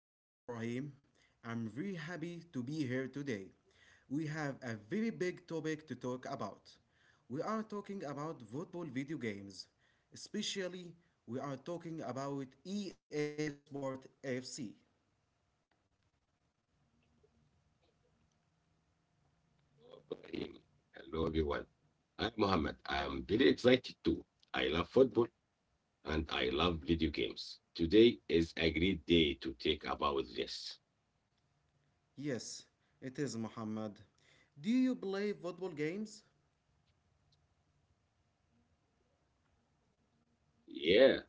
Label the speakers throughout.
Speaker 1: My name is Ibrahim. I'm very happy to be here today. We have a very big topic to talk about. We are talking about football video games. Especially, we are talking about EA Sport FC.
Speaker 2: Hello, everyone. I'm Mohammed. I am very excited too. I love football and I love video games. Today is a great day to talk about this.
Speaker 1: Yes, it is Muhammad. Do you play football games?
Speaker 2: Yeah,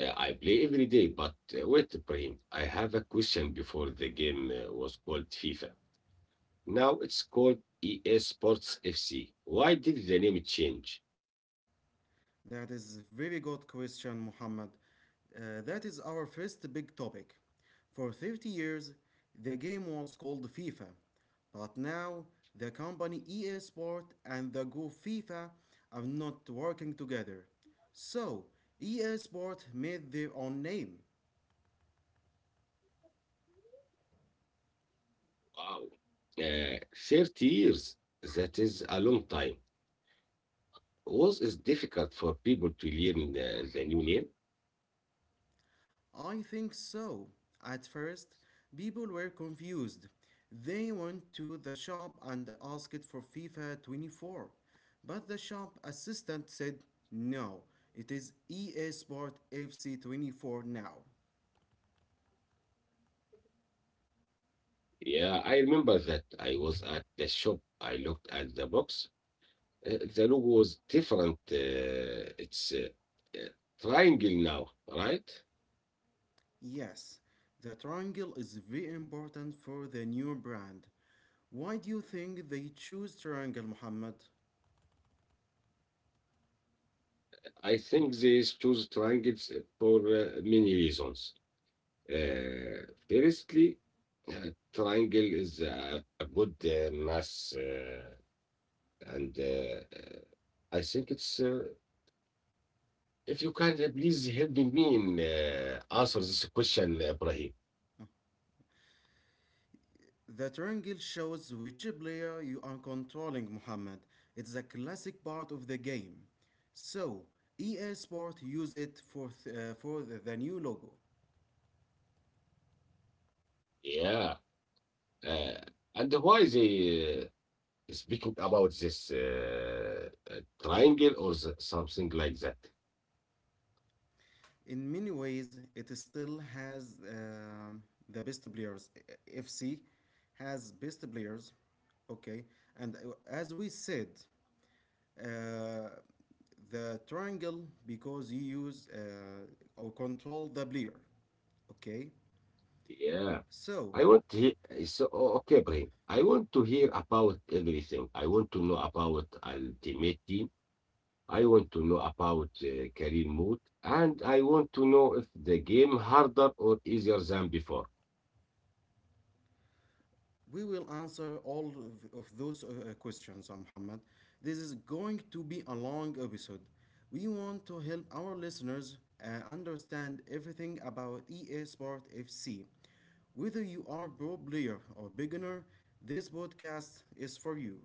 Speaker 2: I play every day, but wait, Ibrahim, I have a question before the game was called FIFA. Now it's called EA Sports FC. Why did the name change?
Speaker 1: That is a very good question, Muhammad. That is our first big topic. For 30 years, the game was called FIFA, but now the company EA Sport and the group FIFA are not working together. So, EA Sport made their own name.
Speaker 2: Wow. Uh, 30 years. That is a long time. Was it difficult for people to learn the new name?
Speaker 1: I think so. At first, people were confused. They went to the shop and asked for FIFA 24, but the shop assistant said no, it is EA Sport FC 24 now. Yes, the triangle is very important for the new brand. Why do you think they choose triangle, Muhammad? The triangle shows which player you are controlling, Muhammad. It's a classic part of the game. So, EA Sport use it for the new logo. In many ways, it still has the best players. FC has best players, okay. And as we said, uh, the triangle because you use or control the player, okay. So we will answer all of those questions, Muhammad. This is going to be a long episode. We want to help our listeners understand everything about EA Sport FC. Whether you are a pro player or beginner, this podcast is for you.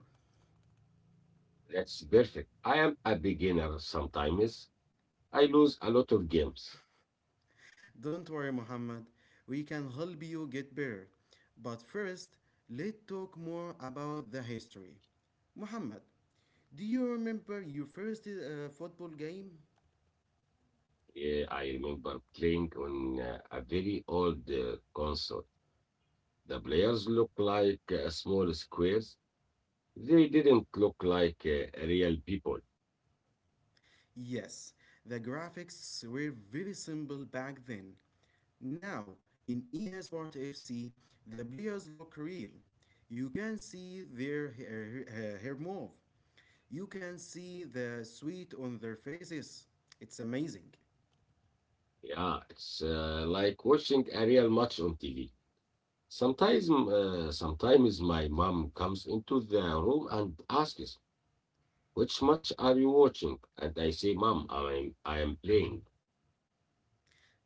Speaker 1: Don't worry, Muhammad. We can help you get better. But first, let's talk more about the history. Muhammad, do you remember your first football game? Yes, the graphics were very simple back then. Now, in EA Sport FC, the players look real. You can see their hair move. You can see the sweat on their faces. It's amazing.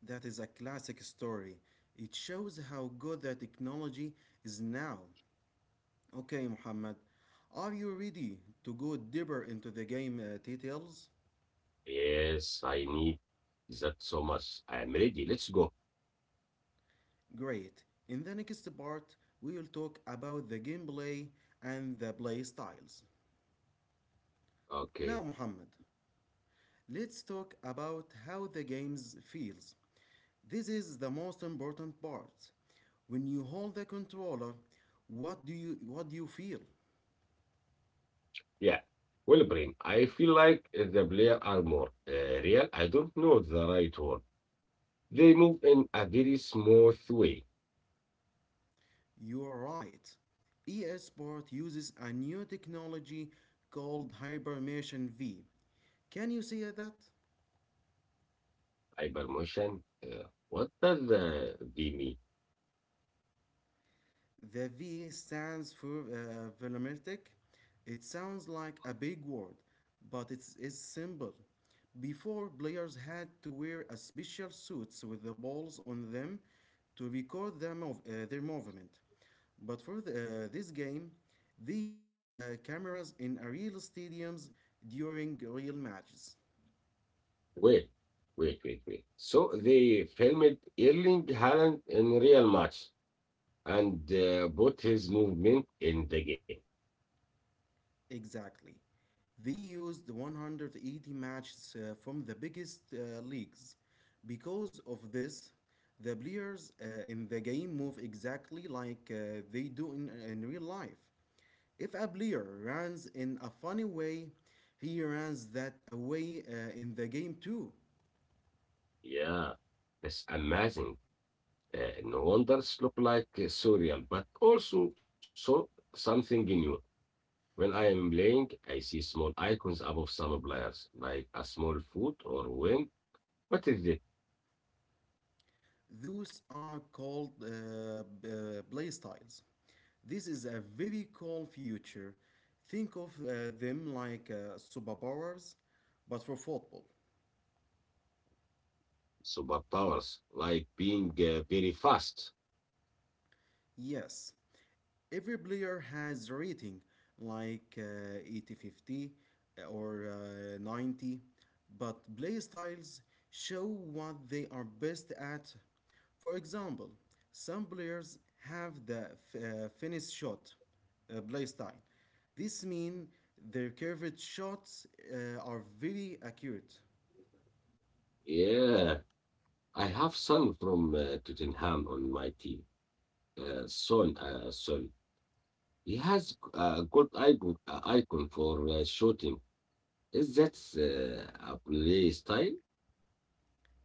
Speaker 1: That is a classic story. It shows how good the technology is now. Okay, Muhammad, are you ready to go deeper into the game details? Great. In the next part, we will talk about the gameplay and the play styles. Now, Muhammad, let's talk about how the games feels. This is the most important part. When you hold the controller, what do you feel? You are right. ESport uses a new technology called Hibernation V. Can you see that? The V stands for volumetric. It sounds like a big word, but it's simple. Before, players had to wear a special suits with the balls on them to record their movement. But for this game, they used cameras in real stadiums during real matches. Exactly. They used 180 matches from the biggest leagues. Because of this, the players in the game move exactly like they do in real life. If a player runs in a funny way, he runs that away in the game too. Those are called play styles. This is a very cool future. Think of them like superpowers, but for football. Yes, every player has rating like 80 50 or 90, but play styles show what they are best at. For example, some players have the finish shot play style. This means their curved shots are very accurate.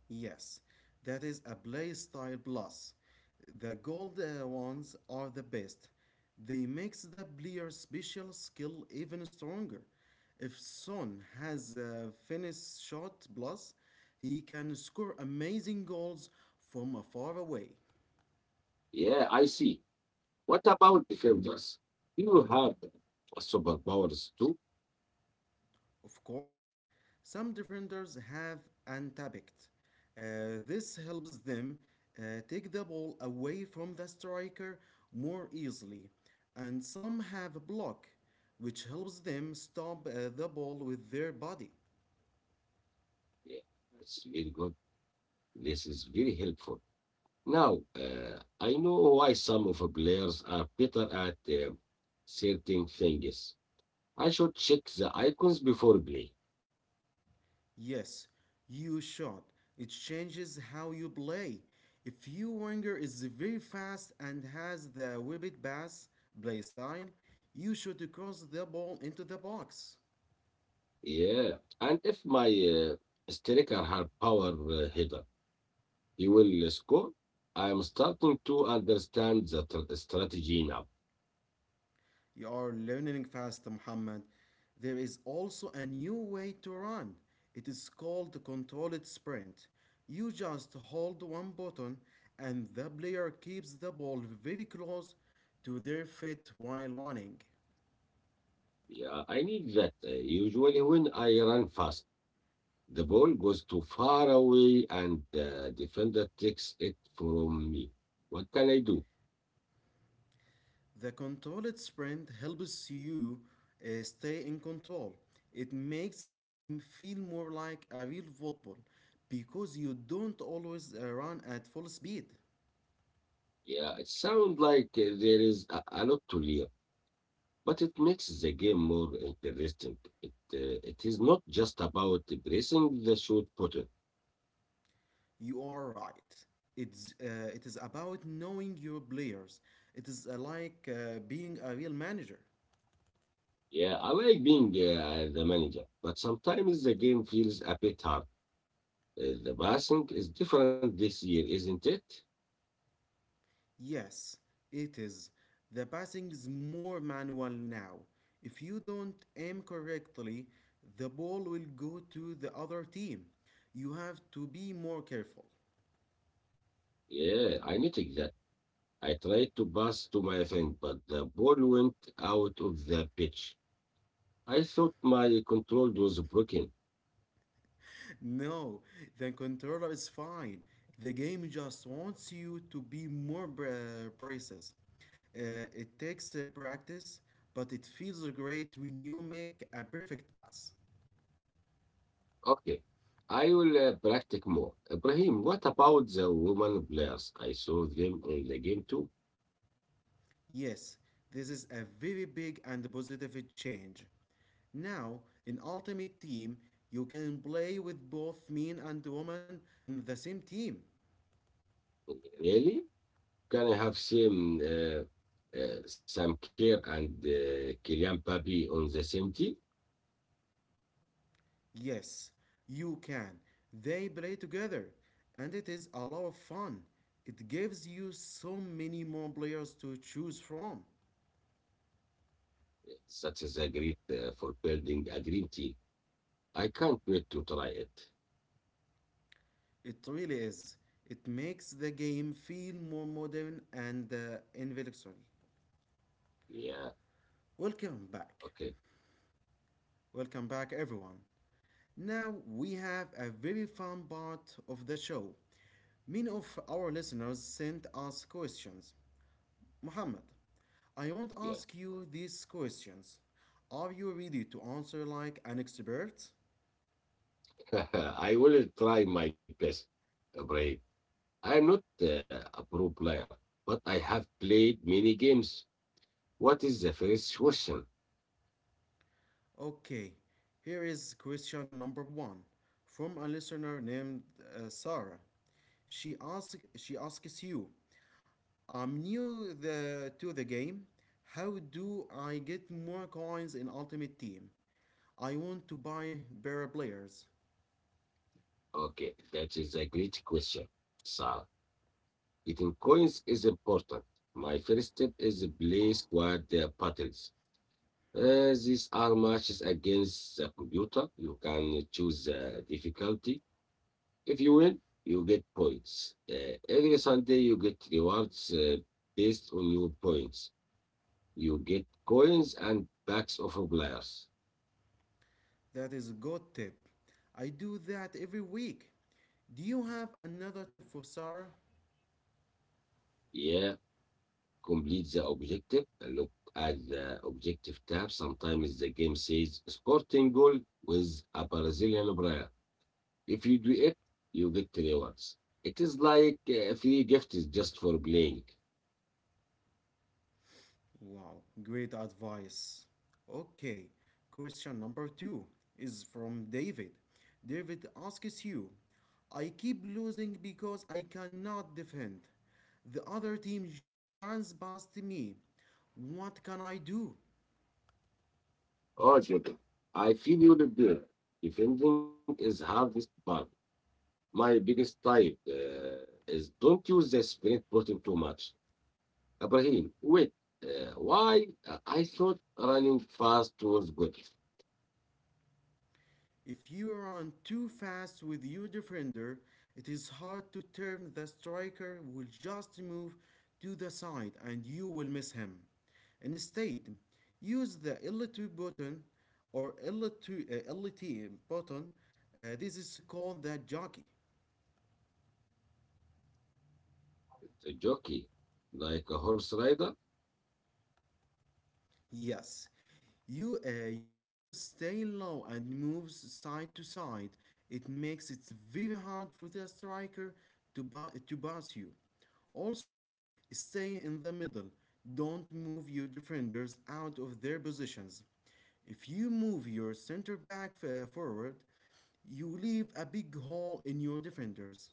Speaker 1: Yes, that is a play style plus. The gold ones are the best. They makes the player's special skill even stronger. If Son has a finish shot plus, he can score amazing goals from far away. Of course, some defenders have untapped. This helps them take the ball away from the striker more easily, and some have a block, which helps them stop the ball with their body. Yes, you shot. It changes how you play. If your winger is very fast and has the whipped pass play style, you should cross the ball into the box. You are learning fast, Muhammad. There is also a new way to run. It is called the controlled sprint. You just hold one button, and the player keeps the ball very close to their feet while running. The controlled sprint helps you stay in control. It makes the game feel more like a real football because you don't always run at full speed. You are right. It is about knowing your players. It is like being a real manager. Yes, it is. The passing is more manual now. If you don't aim correctly, the ball will go to the other team. You have to be more careful. No, the controller is fine. The game just wants you to be more braces. It takes practice, but it feels great when you make a perfect pass. Yes, this is a very big and positive change. Now, in Ultimate Team, you can play with both men and women on the same team. Yes, you can. They play together, and it is a lot of fun. It gives you so many more players to choose from. It really is. It makes the game feel more modern and intellectual. Welcome back. Welcome back, everyone. Now we have a very fun part of the show. Many of our listeners sent us questions. Muhammad, I won't ask you these questions. Are you ready to answer like an expert? Okay, here is question number one from a listener named Sarah. She asks you, I'm new to the game. How do I get more coins in Ultimate Team? I want to buy better players. That is a good tip. I do that every week. Do you have another tip for Sarah? Wow, great advice. Okay, question number two is from David. David asks you, I keep losing because I cannot defend. The other team just runs past me. What can I do? If you run too fast with your defender, it is hard to turn. The striker will just move to the side and you will miss him. Instead, use the L2 button or LT button. This is called the jockey. Yes, you players stay low and moves side to side. It makes it very hard for the striker to pass you. Also, stay in the middle. Don't move your defenders out of their positions. If you move your center back forward, you leave a big hole in your defenders.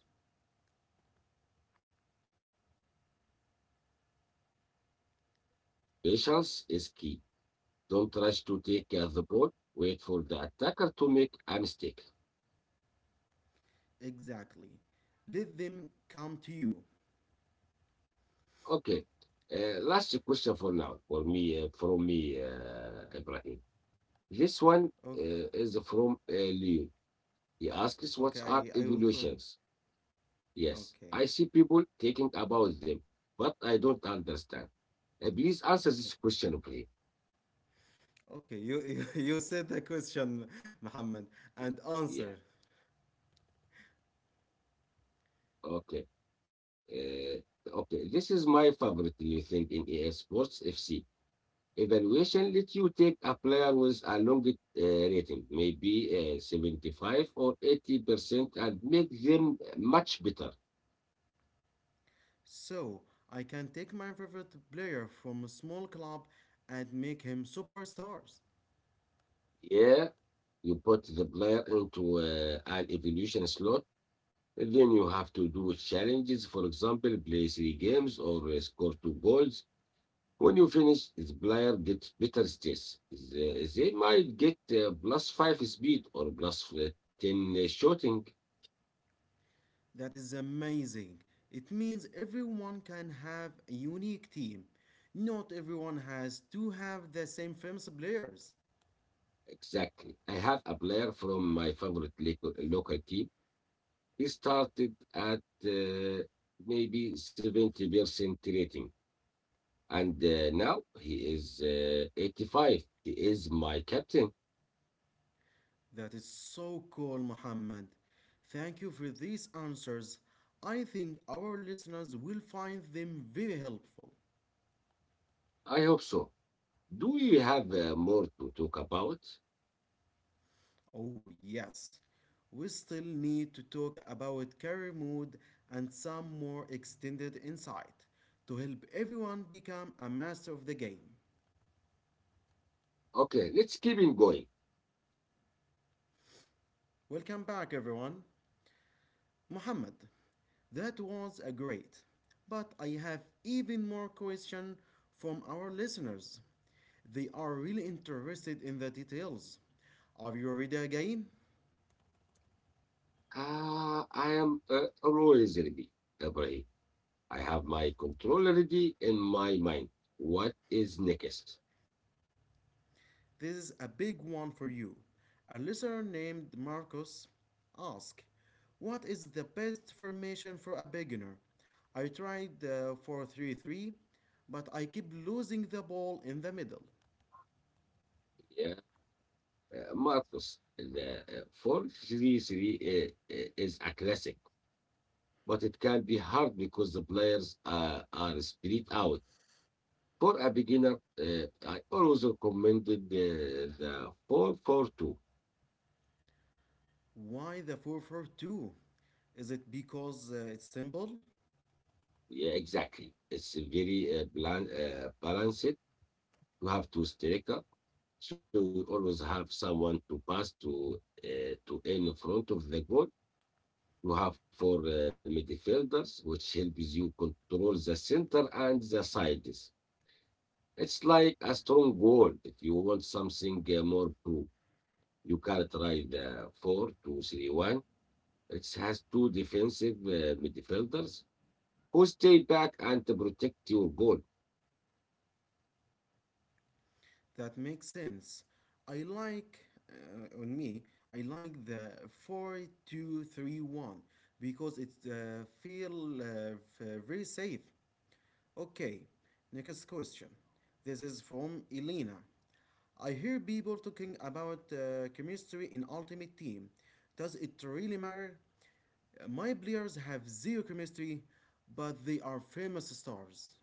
Speaker 1: Exactly. Let them come to you. Okay, okay, I will tell. Okay, okay. Okay, you said the question, Muhammad, and answered. So, I can take my favorite player from a small club and make him superstars. That is amazing. It means everyone can have a unique team. Not everyone has to have the same famous players. That is so cool, Muhammad. Thank you for these answers. I think our listeners will find them very helpful. Oh, yes. We still need to talk about career mode and some more extended insight to help everyone become a master of the game. Welcome back, everyone. Muhammad, that was a great, but I have even more questions from our listeners. They are really interested in the details. Are you ready again? This is a big one for you. A listener named Marcus asked, what is the best formation for a beginner? I tried the 433, but I keep losing the ball in the middle. Why the 442? Is it because it's simple? That makes sense. I like, uh, on me, I like the 4231 because it feel very safe. Okay, next question. This is from Elena. I hear people talking about chemistry in Ultimate Team. Does it really matter? My players have zero chemistry, but they are famous stars.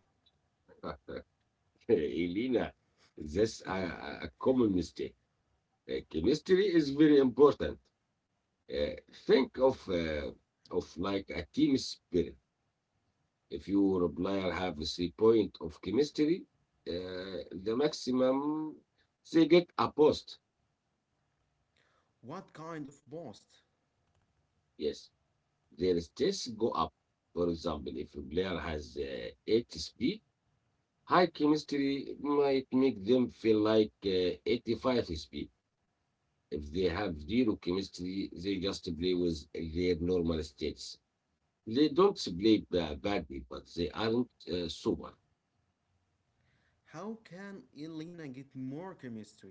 Speaker 1: What kind of boost? How can Elena get more chemistry?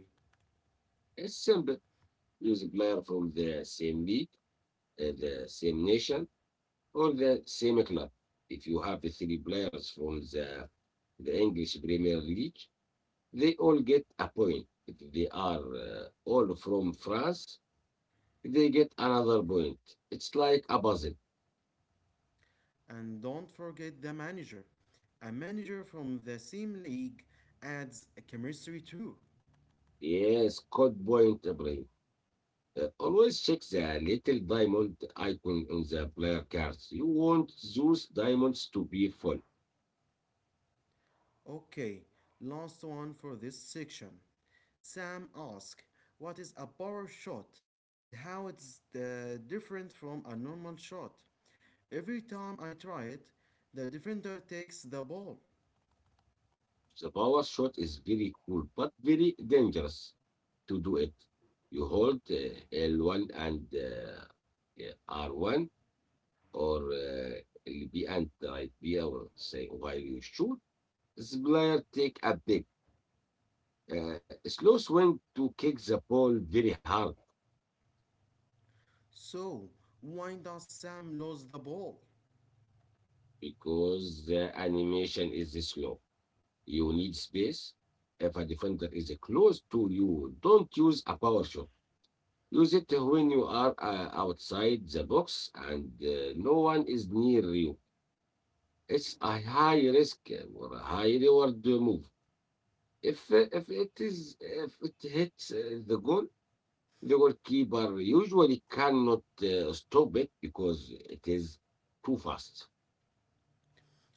Speaker 1: And don't forget the manager. A manager from the same league adds chemistry too. Okay, last one for this section. Sam asks, what is a power shot and how it's different from a normal shot? Every time I try it, the defender takes the ball. So, why does Sam lose the ball?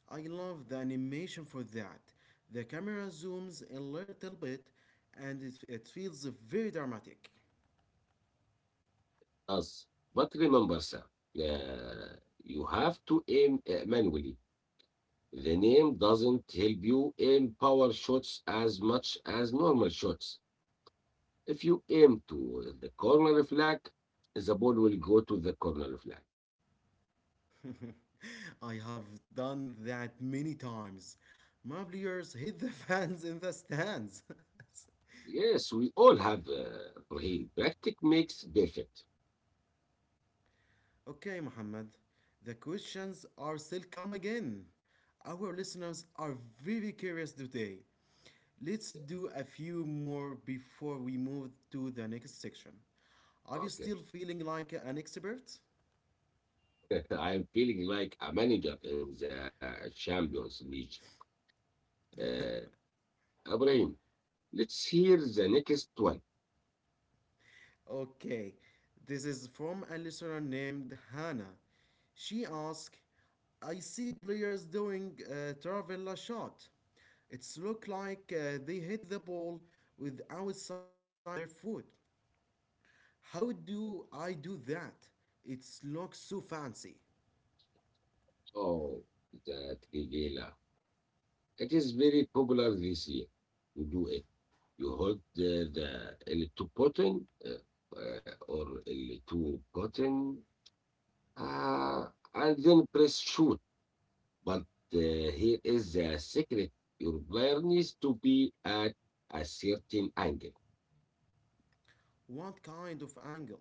Speaker 1: I love the animation for that. The camera zooms a little bit and it feels very dramatic. I have done that many times. My players hit the fans in the stands. Okay, Mohammed, the questions are still come again. Our listeners are very curious today. Let's do a few more before we move to the next section. Are you still feeling like an expert? Okay, this is from a listener named Hannah. She asked, I see players doing a Taravella shot. It's look like they hit the ball with outside of their foot. How do I do that? It looks so fancy. What kind of angle?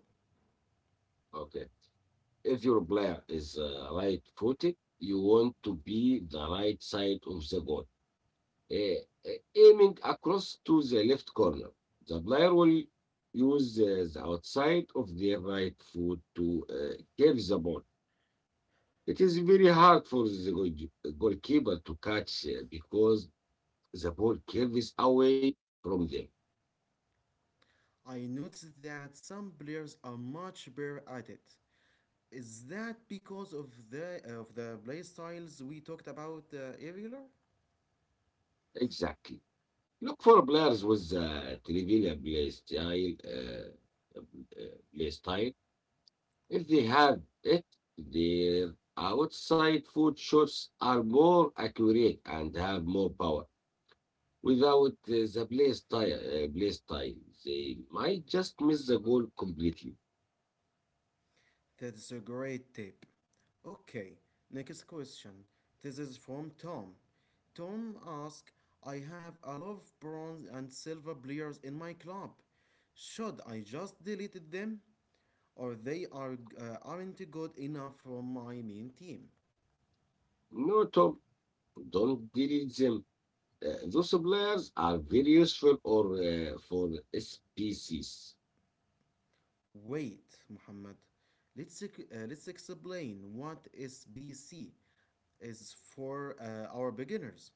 Speaker 1: I noticed that some players are much better at it. Is that because of the play styles we talked about earlier? That's a great tip. Okay, next question. This is from Tom. Tom asks, I have a lot of bronze and silver players in my club. Should I just delete them? Or they are, aren't good enough for my main team? Wait, Muhammad. Let's, let's explain what SBC is for our beginners.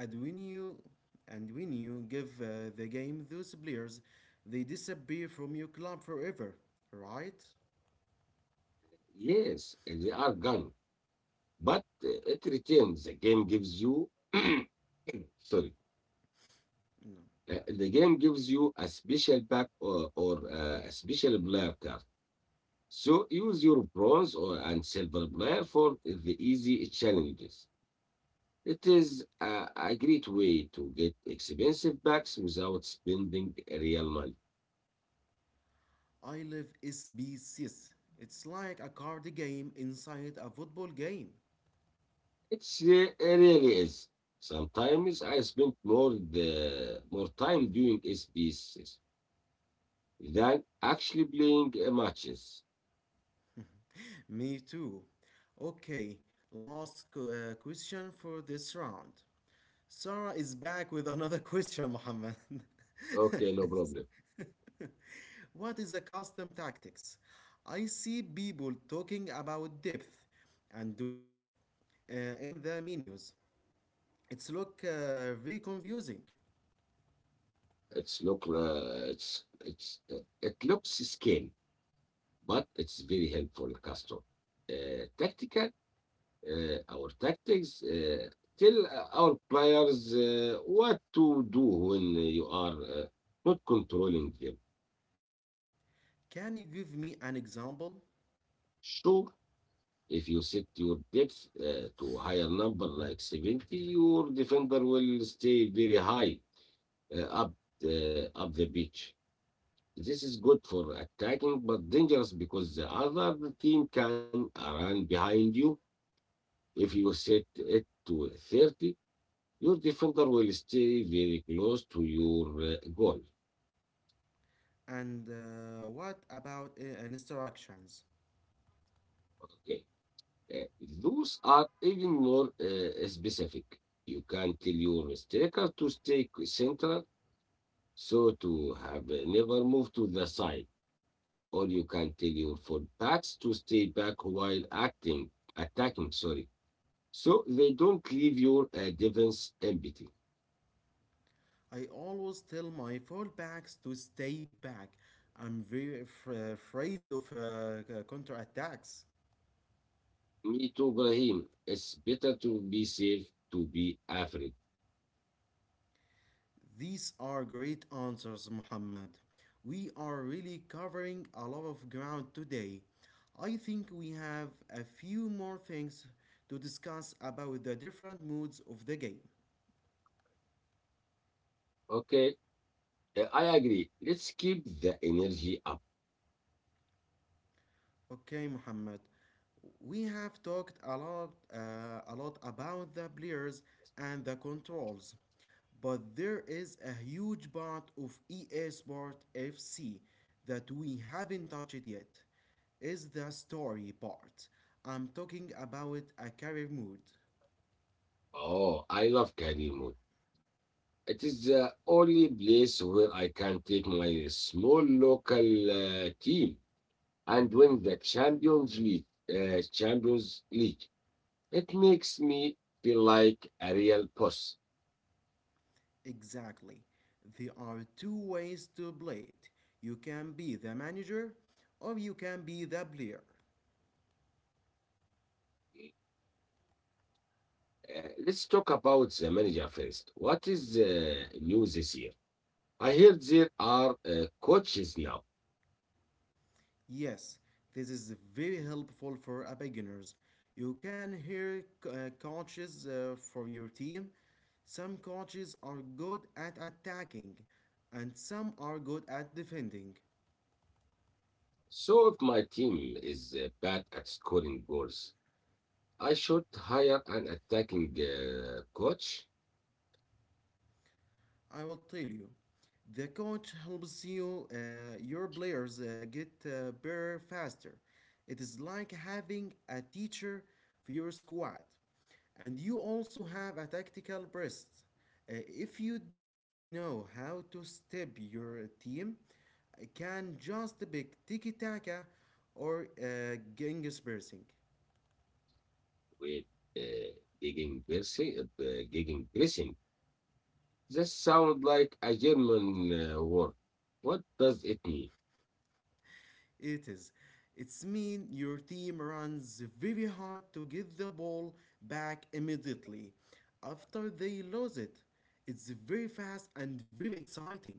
Speaker 1: And when you and when you give the game those players, they disappear from your club forever, right? No. I live SBCs. It's like a card game inside a football game. Me too. Okay, question for this round. Sarah is back with another question, Muhammad. What is a custom tactics? I see people talking about depth and width in the menus. It's look very confusing. Can you give me an example? And what about instructions? I always tell my fallbacks to stay back. I'm very afraid of counterattacks. These are great answers, Muhammad. We are really covering a lot of ground today. I think we have a few more things to discuss about the different modes of the game. Okay, Muhammad. We have talked a lot about the players and the controls, but there is a huge part of EA Sport FC that we haven't touched yet. Is the story part. I'm talking about a career mode. Exactly. There are two ways to play it. You can be the manager or you can be the player. Yes, this is very helpful for a beginners. You can hear coaches for your team. Some coaches are good at attacking and some are good at defending. I will tell you. The coach helps you, your players get better faster. It is like having a teacher for your squad. And you also have a tactical breast. If you don't know how to step your team, can just pick tiki taka or Genghis Pressing. It is. It's mean your team runs very hard to get the ball back immediately after they lose it. It's very fast and very exciting.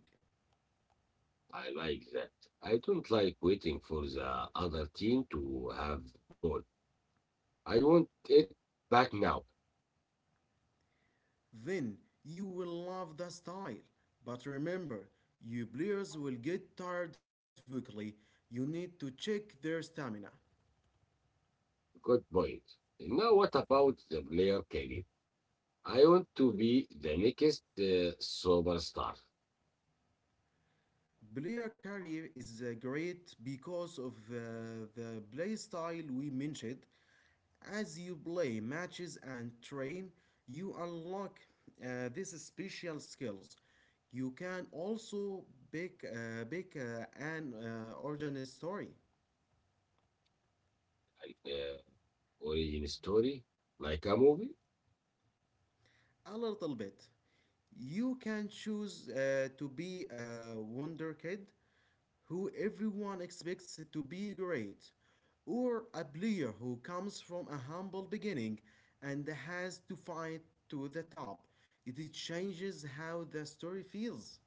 Speaker 1: Then you will love the style. But remember, you players will get tired very quickly. You need to check their stamina. Player career is great because of the play style we mentioned. As you play matches and train, you unlock these special skills. You can also pick an origin story a little bit. You can choose to be a Wonder Kid who everyone expects to be great, or a player who comes from a humble beginning and has to fight to the top. It changes how the story feels.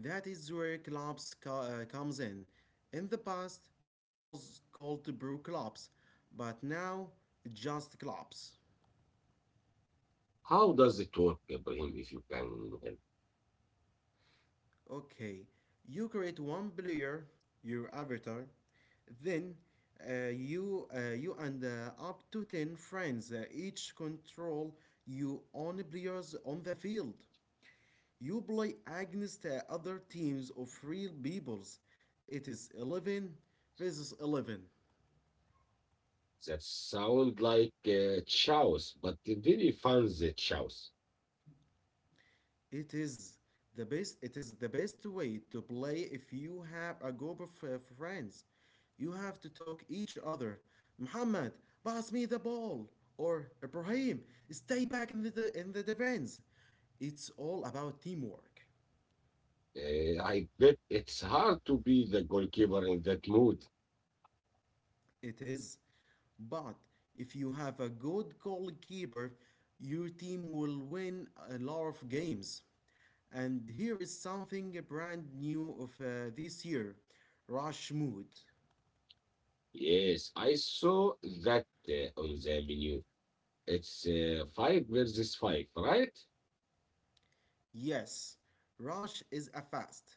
Speaker 1: That is where comes in. In the past, it was called brew clubs, but now it just clubs. Okay, you create one player, your avatar, then you and up to 10 friends each control your own players on the field. You play against other teams of real peoples. It is 11 versus 11. It is the best. It is the best way to play if you have a group of friends. You have to talk each other. Muhammad, pass me the ball. Or Ibrahim, stay back in the defense. It's all about teamwork. It is. But if you have a good goalkeeper, your team will win a lot of games. And here is something brand new of this year Rush Mood. Yes, Rush is a fast,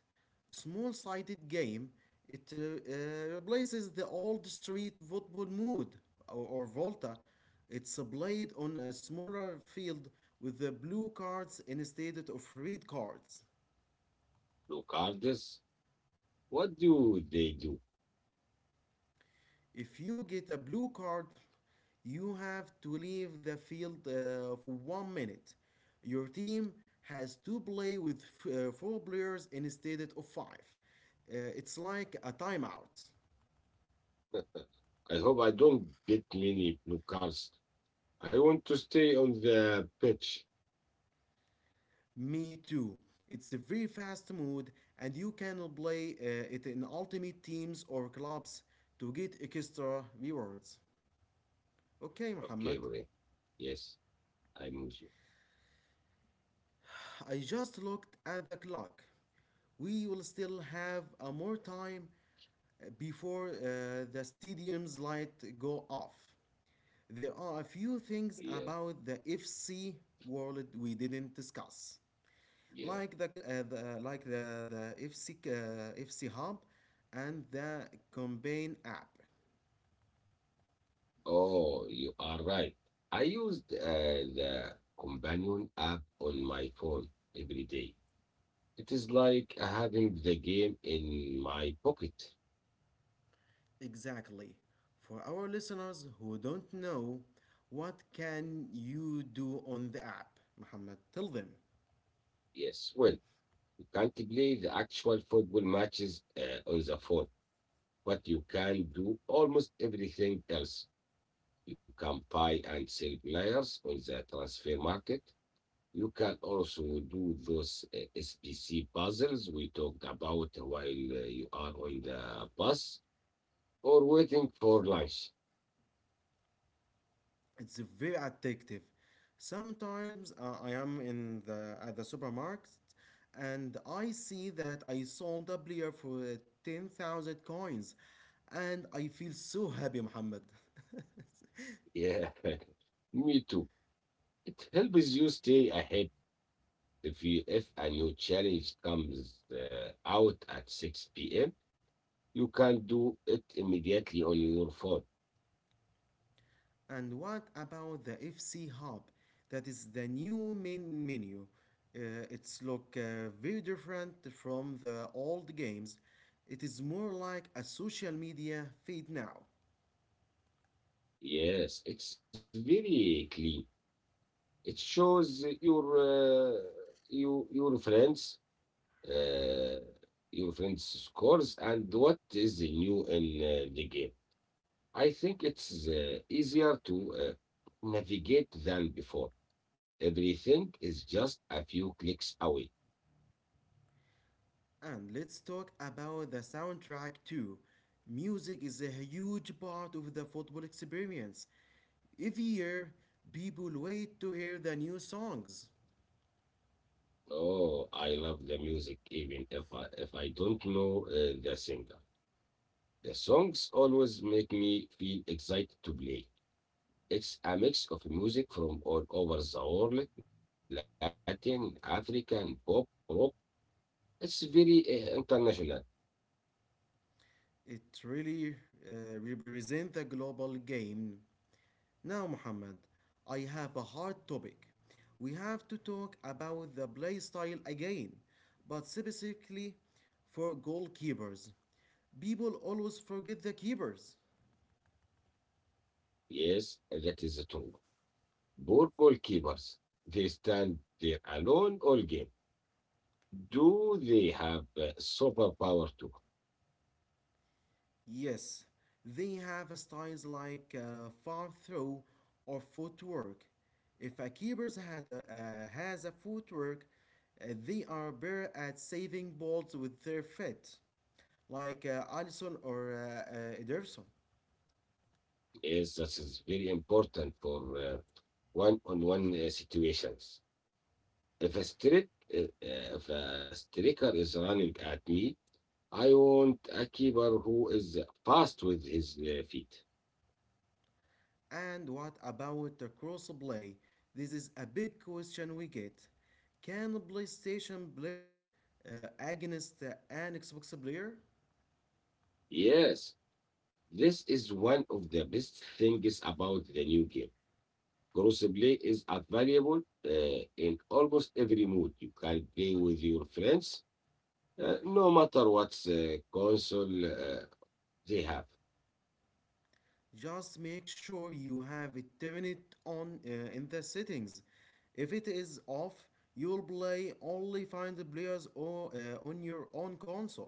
Speaker 1: small sided game. It replaces the old street football mood or Volta. It's played on a smaller field with the blue cards instead of red cards. If you get a blue card, you have to leave the field for 1 minute. Your team has to play with 4 players instead of 5. It's like a timeout. Me too. It's a very fast mode, and you can play it in ultimate teams or clubs to get extra rewards. Okay, Muhammad. I just looked at the clock. We will still have more time before the stadium's light go off. There are a few things about the FC world we didn't discuss. Like the FC Hub and the Combine app. Exactly. For our listeners who don't know, what can you do on the app, Muhammad? Tell them. It's very addictive. Sometimes I am in the at the supermarket and I see that I sold a player for 10,000 coins and I feel so happy, Muhammad. And what about the FC Hub? That is the new main menu. Uh, it's look very different from the old games. It is more like a social media feed now. And let's talk about the soundtrack too. Music is a huge part of the football experience. Every year, people wait to hear the new songs. It really represents the global game. Now, Muhammad, I have a hard topic. We have to talk about the play style again, but specifically for goalkeepers. People always forget the keepers. Yes, they have styles like far throw or footwork. If a has a footwork, they are better at saving balls with their feet, like Allison or Ederson. And what about the crossplay? This is a big question we get. Can a PlayStation player against an Xbox player? Just make sure you have it turned on in the settings. If it is off, you'll play only find the players on your own console.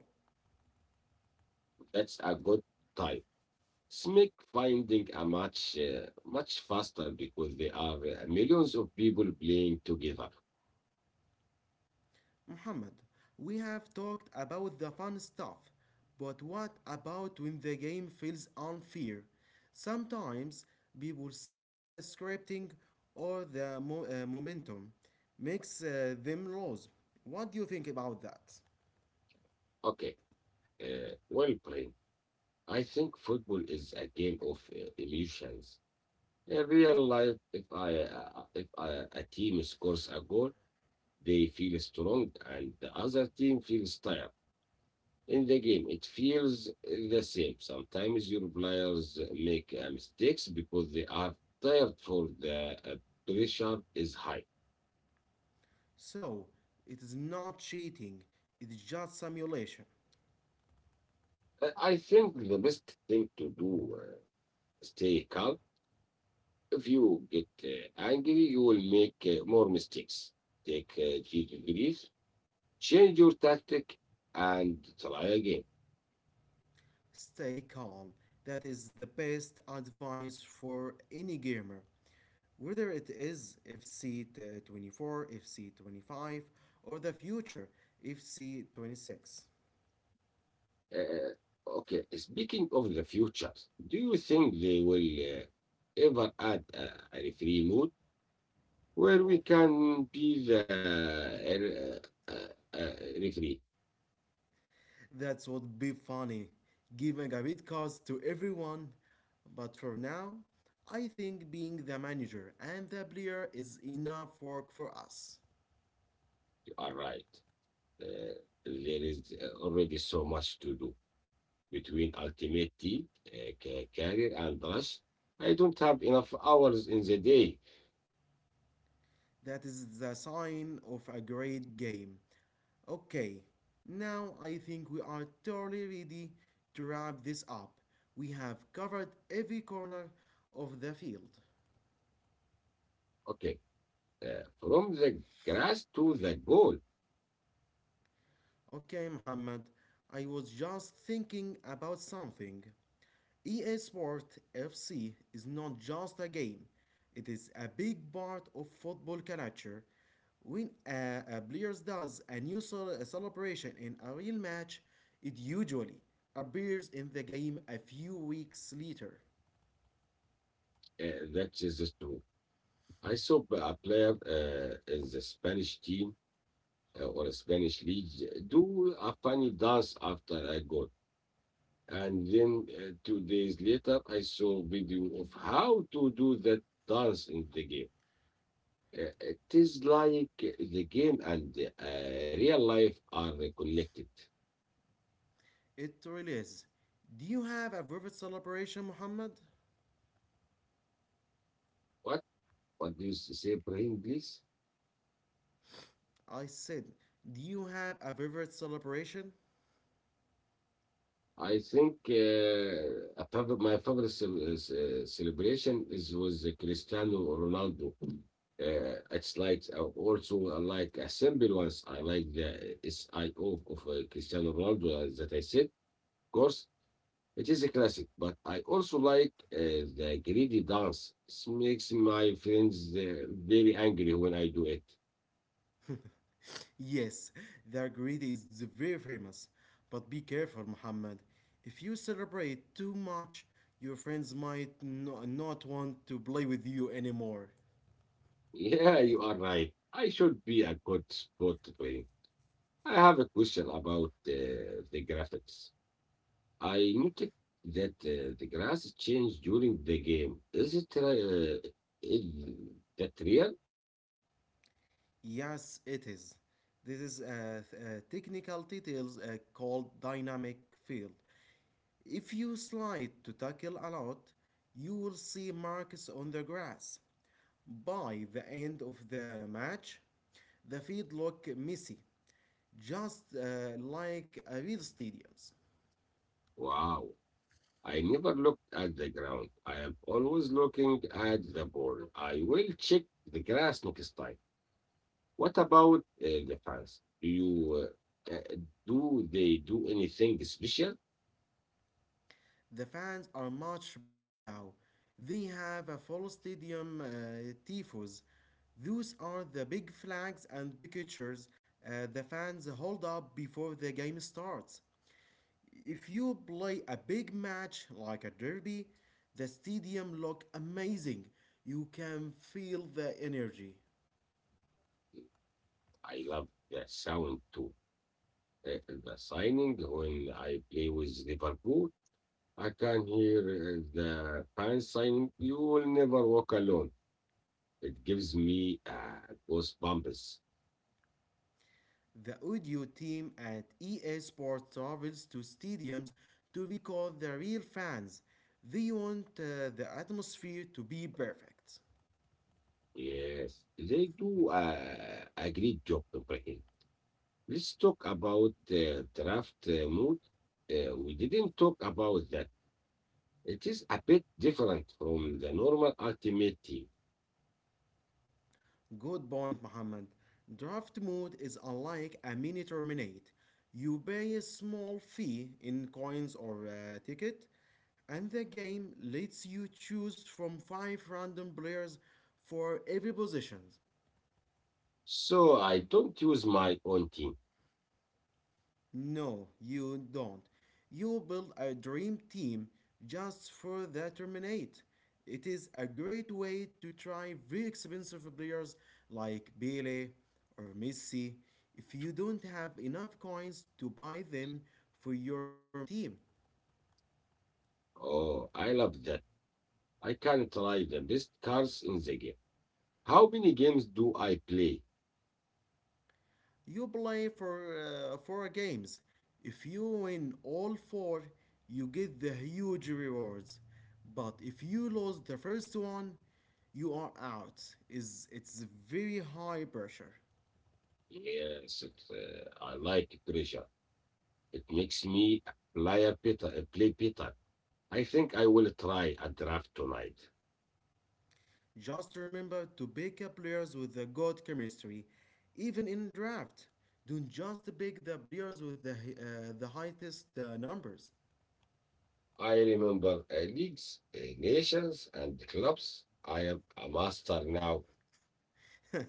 Speaker 1: Muhammad, we have talked about the fun stuff, but what about when the game feels unfair? Sometimes people say the scripting or the momentum makes them lose. What do you think about that? So, it is not cheating, it's just simulation. Stay calm. That is the best advice for any gamer, whether it is FC 24, FC 25, or the future FC 26. That would be funny, giving a bit cause to everyone. But for now, I think being the manager and the player is enough work for us. That is the sign of a great game. Okay, now I think we are totally ready to wrap this up. We have covered every corner of the field. Okay, Muhammad, I was just thinking about something. EA Sport FC is not just a game, it is a big part of football culture. When a player does a a celebration in a real match, it usually appears in the game a few weeks later. It really is. Do you have a favorite celebration, Muhammad? I said, do you have a favorite celebration? Yes, their greed is very famous. But be careful, Muhammad. If you celebrate too much, your friends might not want to play with you anymore. Yes, it is. This is a technical details called dynamic field. If you slide to tackle a lot, you will see marks on the grass. By the end of the match, the field look messy. Just like real stadiums, the fans are much better now. They have a full stadium tifos. Those are the big flags and pictures the fans hold up before the game starts. If you play a big match like a derby, the stadium looks amazing. You can feel the energy. The audio team at EA Sports travels to stadiums to recall the real fans. They want the atmosphere to be perfect. Good point, Mohammed. Draft mode is unlike a mini terminate. You pay a small fee in coins or a ticket, and the game lets you choose from five random players for every position. No, you don't. You build a dream team just for the tournament. It is a great way to try very expensive players like Pele or Messi if you don't have enough coins to buy them for your main team. You play for four games. If you win all four, you get the huge rewards. But if you lose the first one, you are out. Is it's very high pressure. Just remember to pick up players with the good chemistry, even in draft. Don't just pick the players with the highest numbers.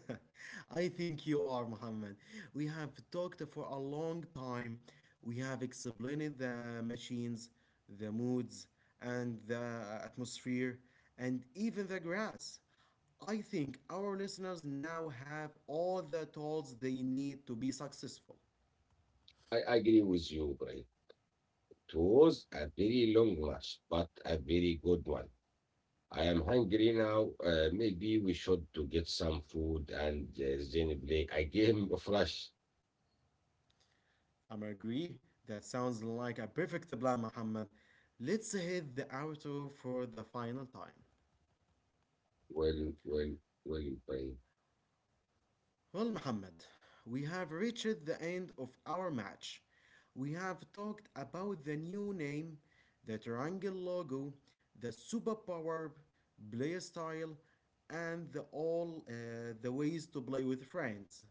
Speaker 1: I think you are, Muhammad. We have talked for a long time. We have explained the machines, the moods, and the atmosphere, and even the grass. I think our listeners now have all the tools they need to be successful. I'm agree. That sounds like a perfect plan, Muhammad. Let's hit the outro for the final time. Well, Muhammad, we have reached the end of our match. We have talked about the new name, the triangle logo, the superpower play style, and the all the ways to play with friends.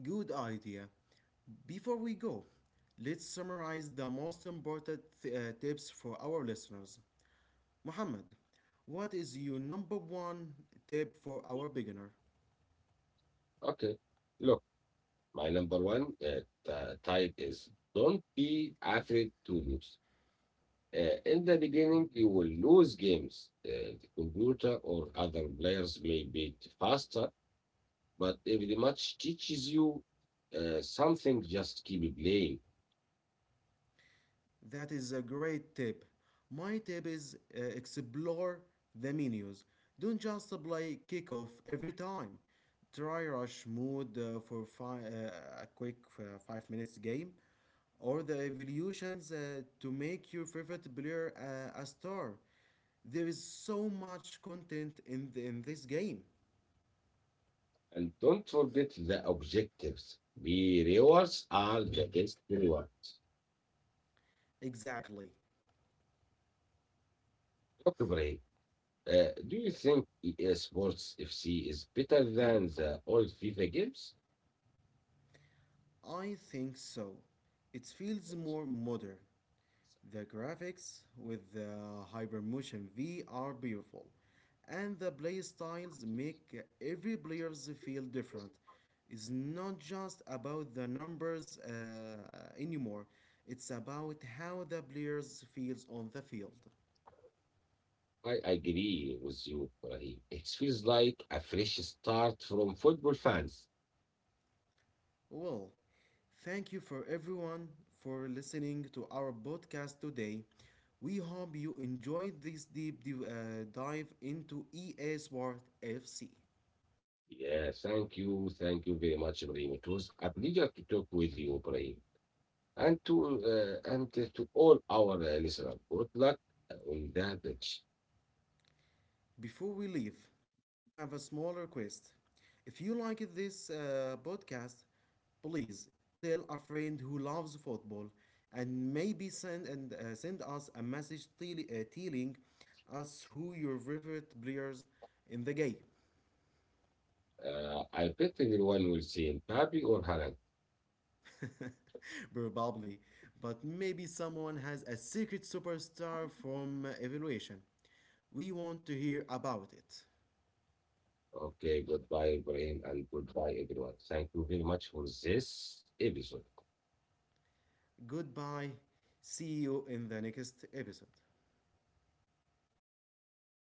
Speaker 1: Good idea. Before we go, let's summarize the most important tips for our listeners. Muhammad, what is your number one tip for our beginner? That is a great tip. My tip is explore the menus. Don't just play kickoff every time. Try rush mode a quick 5 minutes game, or the evolutions to make your favorite player a star. There is so much content in this game. Exactly, I think so. It feels more modern. The graphics with the Hypermotion V are beautiful, and the play styles make every players feel different. It's not just about the numbers anymore. It's about how the players feels on the field. Well, thank you for everyone for listening to our podcast today. We hope you enjoyed this deep dive into EA Sport FC. Before we leave, we have a small request. If you like this podcast, please tell a friend who loves football and maybe send us a message telling us who your favorite players in the game. Probably, but maybe someone has a secret superstar from evaluation. We want to hear about it. Goodbye. See you in the next episode.